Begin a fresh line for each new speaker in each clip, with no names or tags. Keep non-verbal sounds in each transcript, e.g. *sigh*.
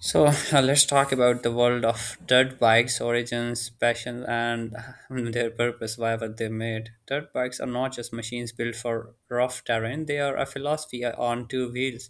So *laughs* let's talk about the world of dirt bikes, origins, passion, and *laughs* their purpose, why were they made. Dirt bikes are not just machines built for rough terrain, they are a philosophy on two wheels,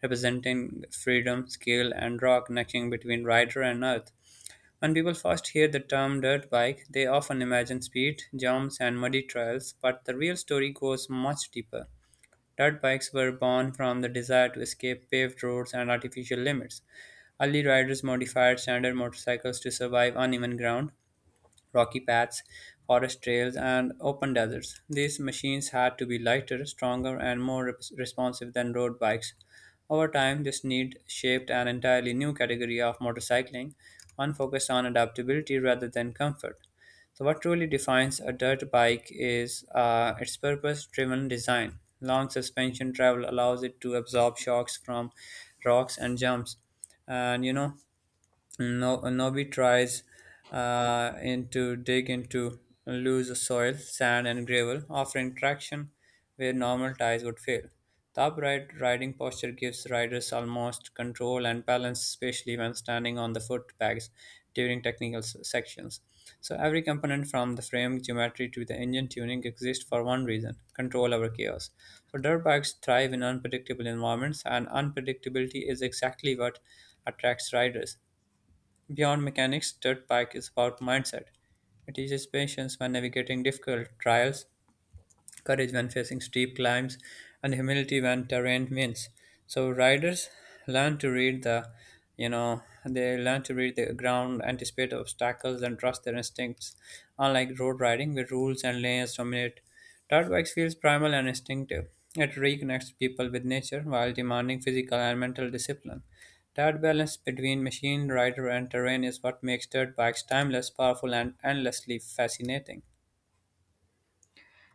representing freedom, skill, and raw connection between rider and earth. When people first hear the term dirt bike, they often imagine speed, jumps, and muddy trails, but the real story goes much deeper. Dirt bikes were born from the desire to escape paved roads and artificial limits. Early riders modified standard motorcycles to survive uneven ground, rocky paths, forest trails, and open deserts. These machines had to be lighter, stronger, and more responsive than road bikes. Over time, this need shaped an entirely new category of motorcycling, one focused on adaptability rather than comfort. So, what truly defines a dirt bike is its purpose driven design. Long suspension travel allows it to absorb shocks from rocks and jumps. And you know, no, Nobi tries in to dig into loose soil, sand, and gravel, offering traction where normal tires would fail. The upright riding posture gives riders almost control and balance, especially when standing on the foot pegs during technical sections. So, every component from the frame geometry to the engine tuning exists for one reason, control over chaos. So, dirt bikes thrive in unpredictable environments, and unpredictability is exactly what attracts riders. Beyond mechanics, dirt bike is about mindset. It teaches patience when navigating difficult trials, courage when facing steep climbs, and humility when terrain wins. So riders learn to read the, you know, they learn to read the ground, anticipate obstacles, and trust their instincts. Unlike road riding, where rules and lanes dominate, dirt bikes feels primal and instinctive. It reconnects people with nature while demanding physical and mental discipline. That balance between machine, rider, and terrain is what makes dirt bikes timeless, powerful, and endlessly fascinating.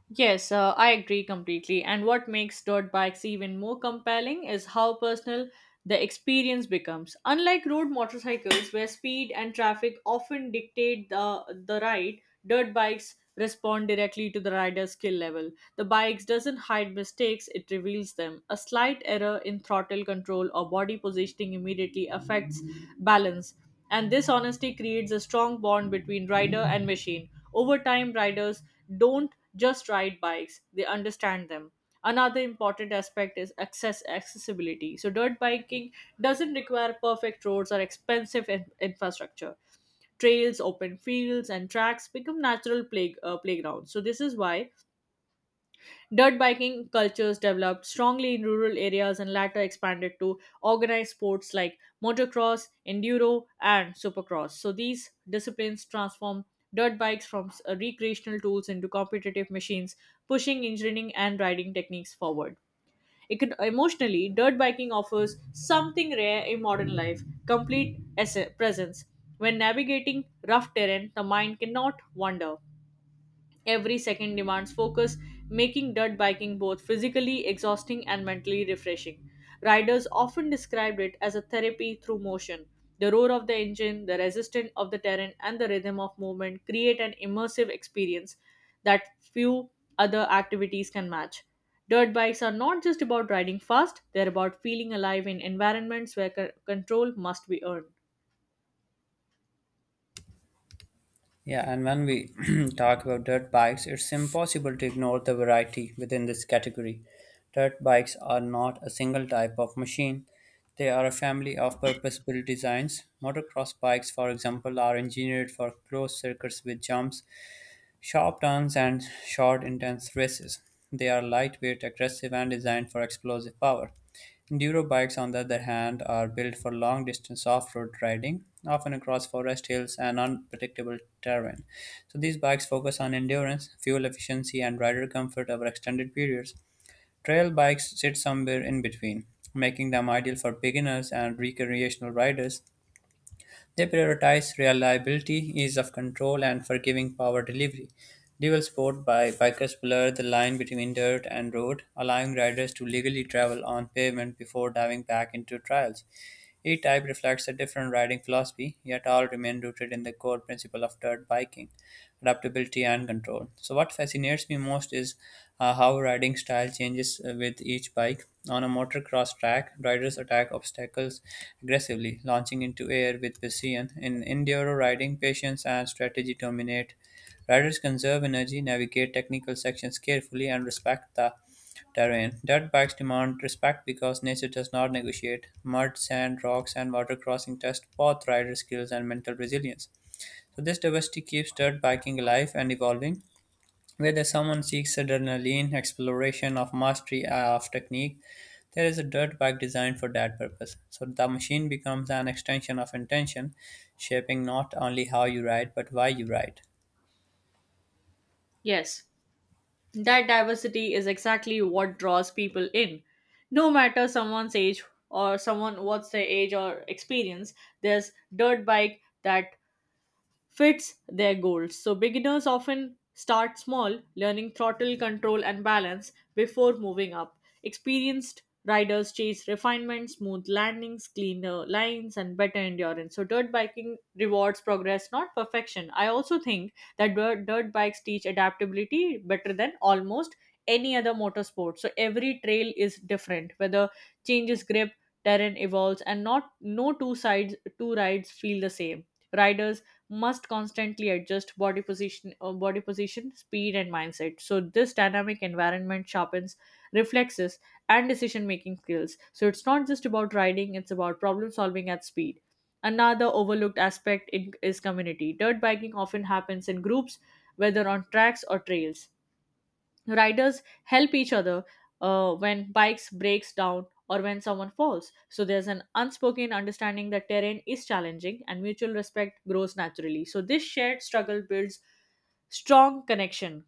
Yes, I agree completely. And what makes dirt bikes even more compelling is how personal the experience becomes. Unlike road motorcycles, where speed and traffic often dictate the ride, dirt bikes respond directly to the rider's skill level. The bikes doesn't hide mistakes, it reveals them. A slight error in throttle control or body positioning immediately affects balance, and this honesty creates a strong bond between rider and machine. Over time, riders don't just ride bikes, they understand them. Another important aspect is accessibility. So dirt biking doesn't require perfect roads or expensive infrastructure. Trails, open fields, and tracks become natural playgrounds. So this is why dirt biking cultures developed strongly in rural areas and later expanded to organized sports like motocross, enduro, and supercross. So these disciplines transform dirt bikes from recreational tools into competitive machines, pushing engineering and riding techniques forward. Emotionally, dirt biking offers something rare in modern life: complete presence. When navigating rough terrain, the mind cannot wander. Every second demands focus, making dirt biking both physically exhausting and mentally refreshing. Riders often described it as a therapy through motion. The roar of the engine, the resistance of the terrain, and the rhythm of movement create an immersive experience that few other activities can match. Dirt bikes are not just about riding fast, they're about feeling alive in environments where control must be earned.
Yeah, and when we *clears throat* talk about dirt bikes, it's impossible to ignore the variety within this category. Dirt bikes are not a single type of machine, they are a family of purpose built designs. Motocross bikes, for example, are engineered for closed circuits with jumps, sharp turns and short, intense races. They are lightweight, aggressive, and designed for explosive power. Enduro bikes, on the other hand, are built for long distance off road riding, often across forest hills and unpredictable terrain. So, these bikes focus on endurance, fuel efficiency, and rider comfort over extended periods. Trail bikes sit somewhere in between, making them ideal for beginners and recreational riders. They prioritize reliability, ease of control, and forgiving power delivery. Dual sport by bikers blur the line between dirt and road, allowing riders to legally travel on pavement before diving back into trials. Each type reflects a different riding philosophy, yet all remain rooted in the core principle of dirt biking, adaptability and control. So, what fascinates me most is how riding style changes with each bike. On a motocross track, riders attack obstacles aggressively, launching into air with precision. In enduro riding, patience and strategy dominate. Riders conserve energy, navigate technical sections carefully, and respect the terrain. Dirtbags demand respect because nature does not negotiate. Mud, sand, rocks, and water crossing test both rider skills and mental resilience. So this diversity keeps dirt biking alive and evolving. Whether someone seeks adrenaline, exploration of mastery of technique, there is a dirt bike designed for that purpose. So the machine becomes an extension of intention, shaping not only how you ride but why you ride.
Yes. That diversity is exactly what draws people in. No matter someone's age, or someone what's their age or experience, there's dirt bike that fits their goals. So beginners often start small, learning throttle control and balance before moving up. Experienced riders chase refinement, smooth landings, cleaner lines, and better endurance. So dirt biking rewards progress, not perfection. I also think that dirt bikes teach adaptability better than almost any other motorsport. So every trail is different, whether changes grip, terrain evolves, and not no two rides feel the same. Riders must constantly adjust body position, speed, and mindset. So this dynamic environment sharpens reflexes and decision making skills. So it's not just about riding, it's about problem solving at speed. Another overlooked aspect is community. Dirt biking often happens in groups, whether on tracks or trails. Riders help each other when bikes breaks down or when someone falls. So there's an unspoken understanding that terrain is challenging and mutual respect grows naturally. So this shared struggle builds strong connection.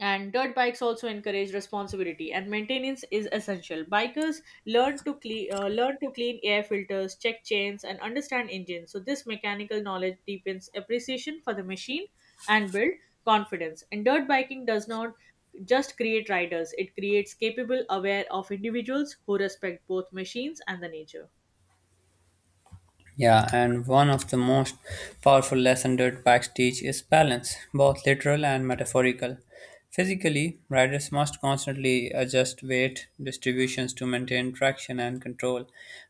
And dirt bikes also encourage responsibility, and maintenance is essential. Bikers learn to clean air filters, check chains, and understand engines. So this mechanical knowledge deepens appreciation for the machine and build confidence. And dirt biking does not just create riders, it creates capable, aware of individuals who respect both machines and the nature.
Yeah, and one of the most powerful lessons Dirtbags teach is balance, both literal and metaphorical. Physically, riders must constantly adjust weight distributions to maintain traction and control.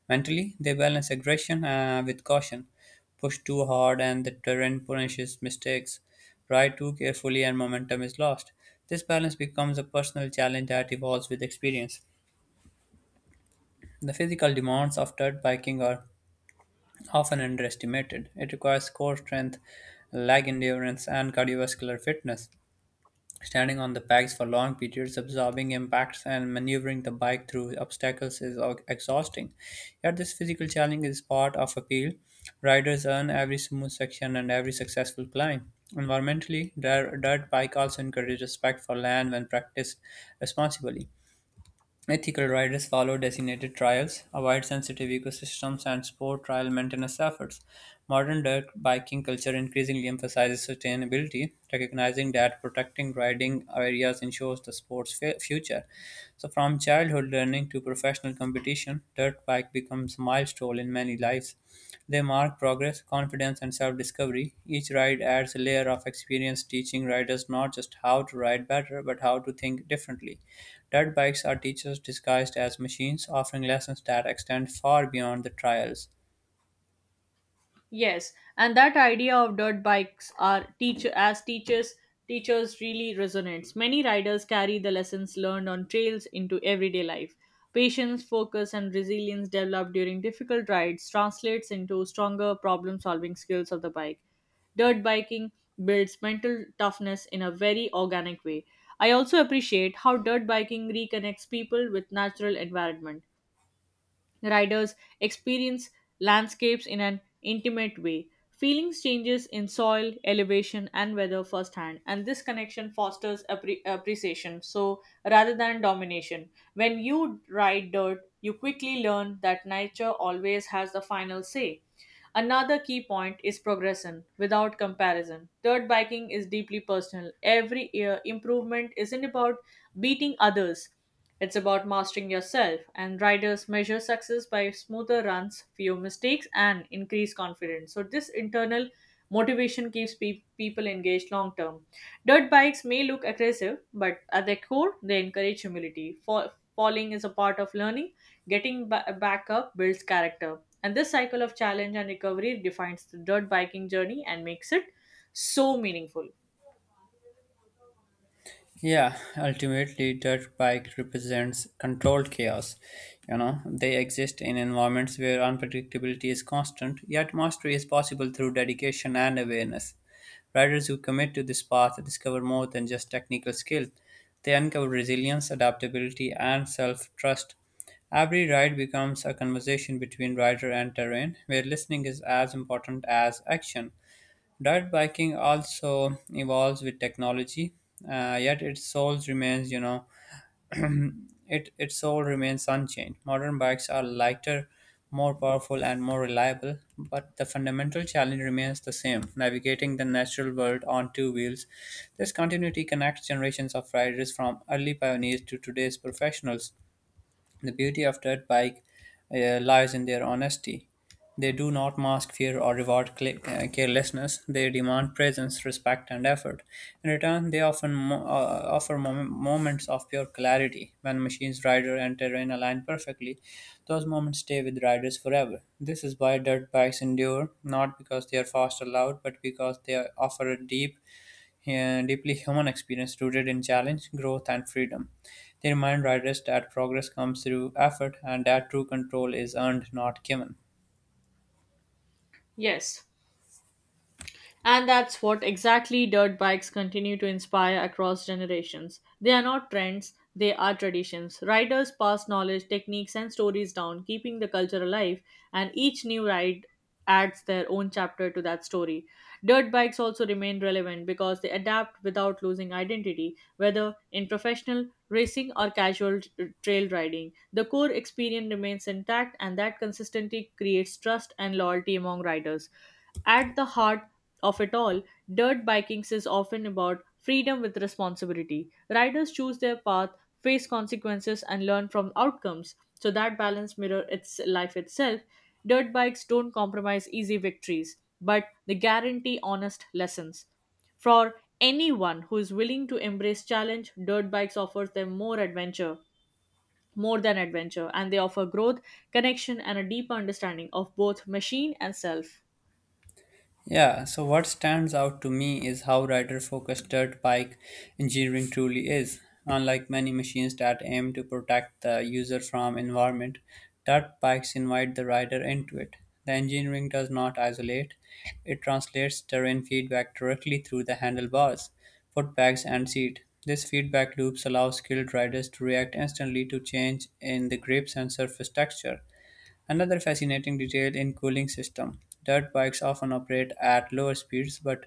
Mentally, they balance aggression with caution. Push too hard and the terrain punishes mistakes. Ride too carefully and momentum is lost. This balance becomes a personal challenge that evolves with experience. The physical demands of dirt biking are often underestimated. It requires core strength, leg endurance, and cardiovascular fitness. Standing on the pegs for long periods, absorbing impacts, and maneuvering the bike through obstacles is exhausting. Yet, this physical challenge is part of appeal. Riders earn every smooth section and every successful climb. Environmentally, dirt bike also encourages respect for land when practiced responsibly. Ethical riders follow designated trails, avoid sensitive ecosystems, and support trail maintenance efforts. Modern dirt biking culture increasingly emphasizes sustainability, recognizing that protecting riding areas ensures the sport's future. So, from childhood learning to professional competition, dirt bike becomes a milestone in many lives. They mark progress, confidence, and self discovery. Each ride adds a layer of experience, teaching riders not just how to ride better, but how to think differently. Dirt bikes are teachers disguised as machines, offering lessons that extend far beyond the trials.
Yes, and that idea of dirt bikes are teacher as teachers teachers really resonates. Many riders carry the lessons learned on trails into everyday life. Patience, focus, and resilience developed during difficult rides translates into stronger problem-solving skills of the bike. Dirt biking builds mental toughness in a very organic way. I also appreciate how dirt biking reconnects people with natural environment. Riders experience landscapes in an intimate way, feeling changes in soil, elevation, and weather firsthand, and this connection fosters appreciation. So, rather than domination, when you ride dirt, you quickly learn that nature always has the final say. Another key point is progression without comparison. Dirt biking is deeply personal. Every year, improvement isn't about beating others, it's about mastering yourself. And riders measure success by smoother runs, fewer mistakes, and increased confidence. So, this internal motivation keeps people engaged long term. Dirt bikes may look aggressive, but at their core, they encourage humility. Falling is a part of learning, getting back up builds character, and this cycle of challenge and recovery defines the dirt biking journey and makes it so meaningful.
Yeah, ultimately, dirt bike represents controlled chaos. You know, they exist in environments where unpredictability is constant, yet mastery is possible through dedication and awareness. Riders who commit to this path discover more than just technical skill. They uncover resilience, adaptability, and self trust. Every ride becomes a conversation between rider and terrain, where listening is as important as action. Dirt biking also evolves with technology, yet its soul remains, you know, *clears throat* it its soul remains unchanged. Modern bikes are lighter, more powerful, and more reliable, but the fundamental challenge remains the same: navigating the natural world on two wheels. This continuity connects generations of riders from early pioneers to today's professionals. The beauty of dirt bike lies in their honesty. They do not mask fear or reward carelessness. They demand presence, respect, and effort. In return, they often offer moments of pure clarity. When machines, rider, and terrain align perfectly, those moments stay with riders forever. This is why dirt bikes endure, not because they are fast or loud, but because they offer a deeply human experience rooted in challenge, growth, and freedom. They remind riders that progress comes through effort and that true control is earned, not given.
Yes, and that's what exactly dirt bikes continue to inspire across generations. They are not trends, they are traditions. Riders pass knowledge, techniques, and stories down, keeping the culture alive, and each new ride adds their own chapter to that story. Dirt bikes also remain relevant because they adapt without losing identity, whether in professional racing or casual trail riding. The core experience remains intact, and that consistency creates trust and loyalty among riders. At the heart of it all, dirt biking is often about freedom with responsibility. Riders choose their path, face consequences, and learn from outcomes. So that balance mirror its life itself. Dirt bikes don't compromise easy victories, but they guarantee honest lessons. For anyone who is willing to embrace challenge, dirt bikes offers them more adventure, more than adventure, and they offer growth, connection, and a deeper understanding of both machine and self.
Yeah, so what stands out to me is how rider focused dirt bike engineering truly is. Unlike many machines that aim to protect the user from environment, dirt bikes invite the rider into it. The engineering does not isolate, it translates terrain feedback directly through the handlebars, footbags, and seat. This feedback loops allow skilled riders to react instantly to change in the grips and surface texture. Another fascinating detail in cooling system. Dirt bikes often operate at lower speeds but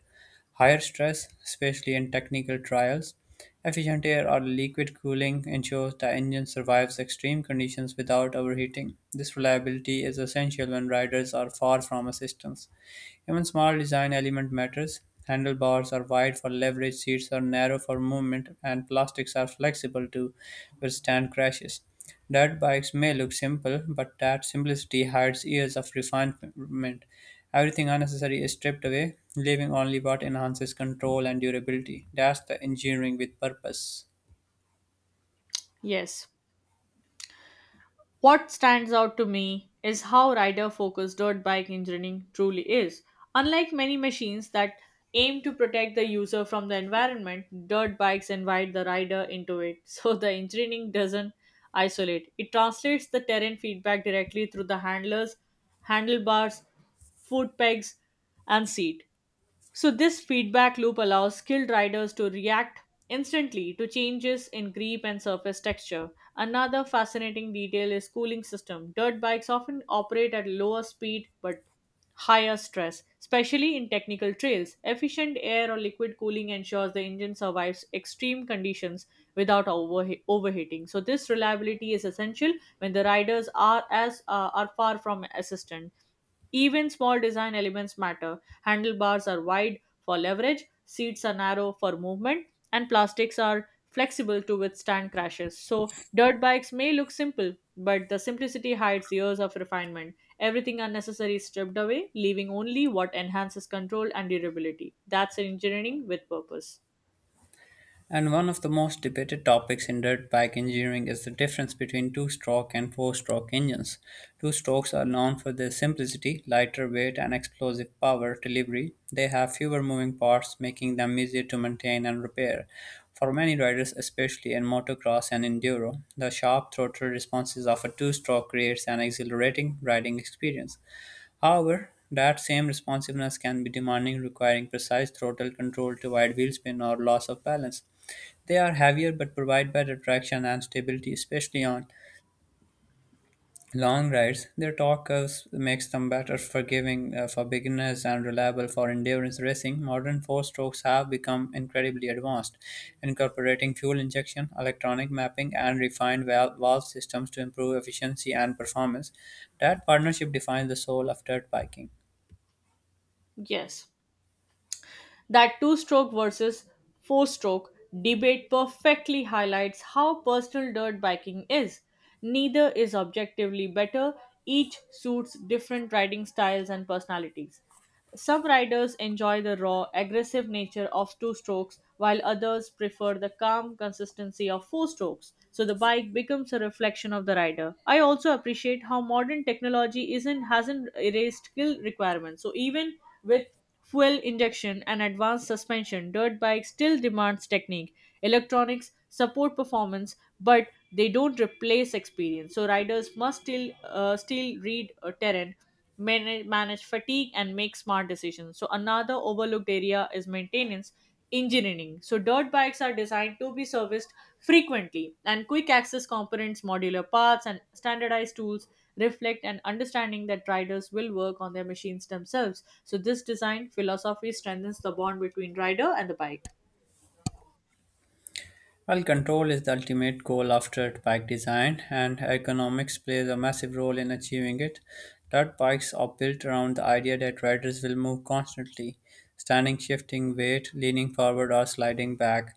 higher stress, especially in technical trials. Efficient air or liquid cooling ensures the engine survives extreme conditions without overheating. This reliability is essential when riders are far from assistance. Even small design element matters. Handlebars are wide for leverage, seats are narrow for movement, and plastics are flexible to withstand crashes. Dirt bikes may look simple, but that simplicity hides years of refinement. Everything unnecessary is stripped away, leaving only what enhances control and durability. That's the engineering with purpose.
Yes. What stands out to me is how rider focused dirt bike engineering truly is. Unlike many machines that aim to protect the user from the environment, dirt bikes invite the rider into it. *laughs* So the engineering doesn't isolate. It translates the terrain feedback directly through the handlebars, foot pegs, and seat. So, this feedback loop allows skilled riders to react instantly to changes in grip and surface texture. Another fascinating detail is cooling system. Dirt bikes often operate at lower speed but higher stress, especially in technical trails. Efficient air or liquid cooling ensures the engine survives extreme conditions without overheating. So, this reliability is essential when the riders are far from assistant. Even small design elements matter. Handlebars are wide for leverage, seats are narrow for movement, and plastics are flexible to withstand crashes. So, dirt bikes may look simple, but the simplicity hides years of refinement. Everything unnecessary is stripped away, leaving only what enhances control and durability. That's engineering with purpose.
And one of the most debated topics in dirt bike engineering is the difference between two stroke and four stroke engines. Two strokes are known for their simplicity, lighter weight, and explosive power delivery. They have fewer moving parts, making them easier to maintain and repair. For many riders, especially in motocross and enduro, the sharp throttle responses of a two stroke creates an exhilarating riding experience. However, that same responsiveness can be demanding, requiring precise throttle control to avoid wheelspin or loss of balance. They are heavier but provide better traction and stability, especially on long rides. Their torque curves makes them better forgiving for beginners and reliable for endurance racing. Modern four-strokes have become incredibly advanced, incorporating fuel injection, electronic mapping, and refined valve systems to improve efficiency and performance. That partnership defines the soul of dirt biking.
Yes. That two stroke versus four stroke debate perfectly highlights how personal dirt biking is. Neither is objectively better, each suits different riding styles and personalities. Some riders enjoy the raw, aggressive nature of two strokes, while others prefer the calm consistency of four strokes. So the bike becomes a reflection of the rider. I also appreciate how modern technology isn't hasn't erased skill requirements. So even with fuel injection and advanced suspension, dirt bikes still demands technique. Electronics support performance, but they don't replace experience. So riders must still read a terrain, manage fatigue, and make smart decisions. So another overlooked area is maintenance engineering. So dirt bikes are designed to be serviced frequently, and quick access components, modular parts, and standardized tools reflect an understanding that riders will work on their machines themselves. So this design philosophy strengthens the bond between rider and the bike.
Well, control is the ultimate goal after bike design, and economics plays a massive role in achieving it. Dirt bikes are built around the idea that riders will move constantly, standing, shifting weight, leaning forward, or sliding back.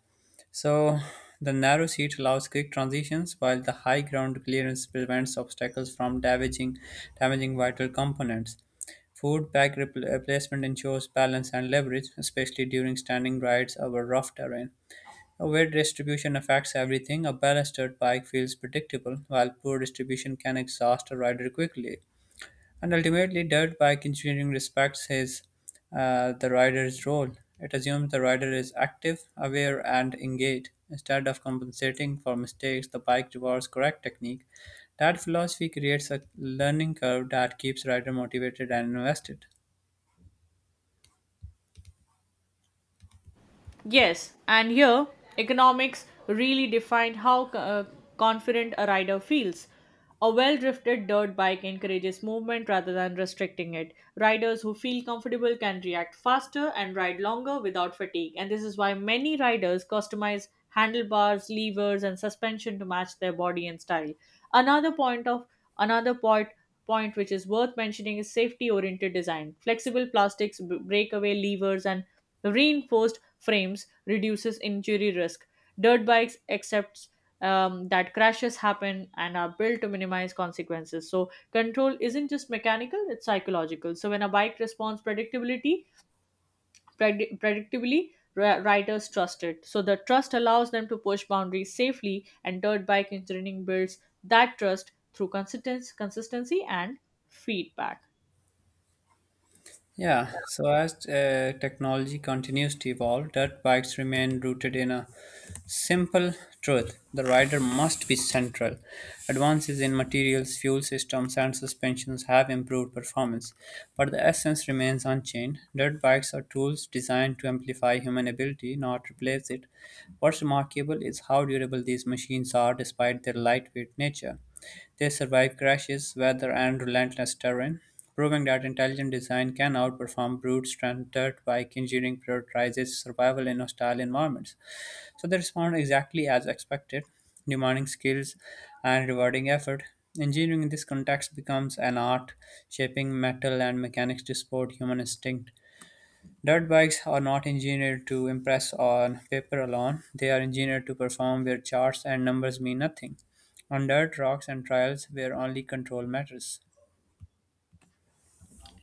So, the narrow seat allows quick transitions, while the high ground clearance prevents obstacles from damaging vital components. Food bag replacement ensures balance and leverage, especially during standing rides over rough terrain. Where distribution affects everything, a balanced dirt bike feels predictable, while poor distribution can exhaust a rider quickly. And ultimately, dirt bike engineering respects his the rider's role. It assumes the rider is active, aware, and engaged. Instead of compensating for mistakes, the bike rewards correct technique. That philosophy creates a learning curve that keeps rider motivated and invested.
Yes, and here economics really defined how confident a rider feels. A well drifted dirt bike encourages movement rather than restricting it. Riders who feel comfortable can react faster and ride longer without fatigue, and this is why many riders customize handlebars, levers, and suspension to match their body and style. Another point of another point which is worth mentioning is safety oriented design. Flexible plastics, breakaway levers, and reinforced frames reduces injury risk. Dirt bikes accepts that crashes happen and are built to minimize consequences. So control isn't just mechanical; it's psychological. So when a bike responds predictably, riders trust it. So the trust allows them to push boundaries safely, and dirt bike engineering builds that trust through consistency, and feedback.
Yeah, so as technology continues to evolve, dirt bikes remain rooted in a simple truth, the rider must be central. Advances in materials, fuel systems, and suspensions have improved performance, but the essence remains unchanged. Dirt bikes are tools designed to amplify human ability, not replace it. What's remarkable is how durable these machines are despite their lightweight nature. They survive crashes, weather, and relentless terrain, proving that intelligent design can outperform brute strength standard bike engineering prioritizes survival in hostile environments. So they respond exactly as expected, demanding skills and rewarding effort. Engineering in this context becomes an art, shaping metal and mechanics to support human instinct. Dirt bikes are not engineered to impress on paper alone; they are engineered to perform where charts and numbers mean nothing. On dirt, rocks, and trials, where only control matters.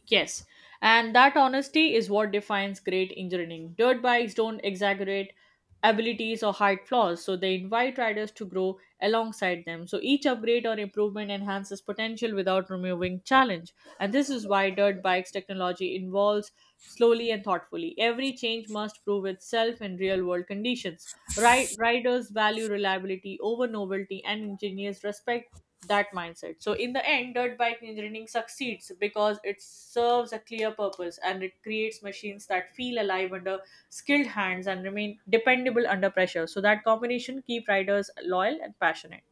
Yes, and that honesty is what defines great engineering. Dirt bikes don't exaggerate abilities or hide flaws, so they invite riders to grow alongside them. So each upgrade or improvement enhances potential without removing challenge. And this is why dirt bikes technology involves slowly and thoughtfully. Every change must prove itself in real world conditions. Right riders value reliability over novelty and engineers respect that mindset. So in the end, dirt bike engineering succeeds because it serves a clear purpose and it creates machines that feel alive under skilled hands and remain dependable under pressure. So that combination keep riders loyal and passionate.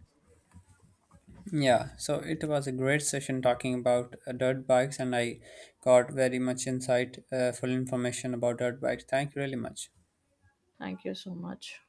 Yeah, so it was a great session talking about dirt bikes, and I got very much insight, full information about dirt bikes. Thank you really much.
Thank you so much.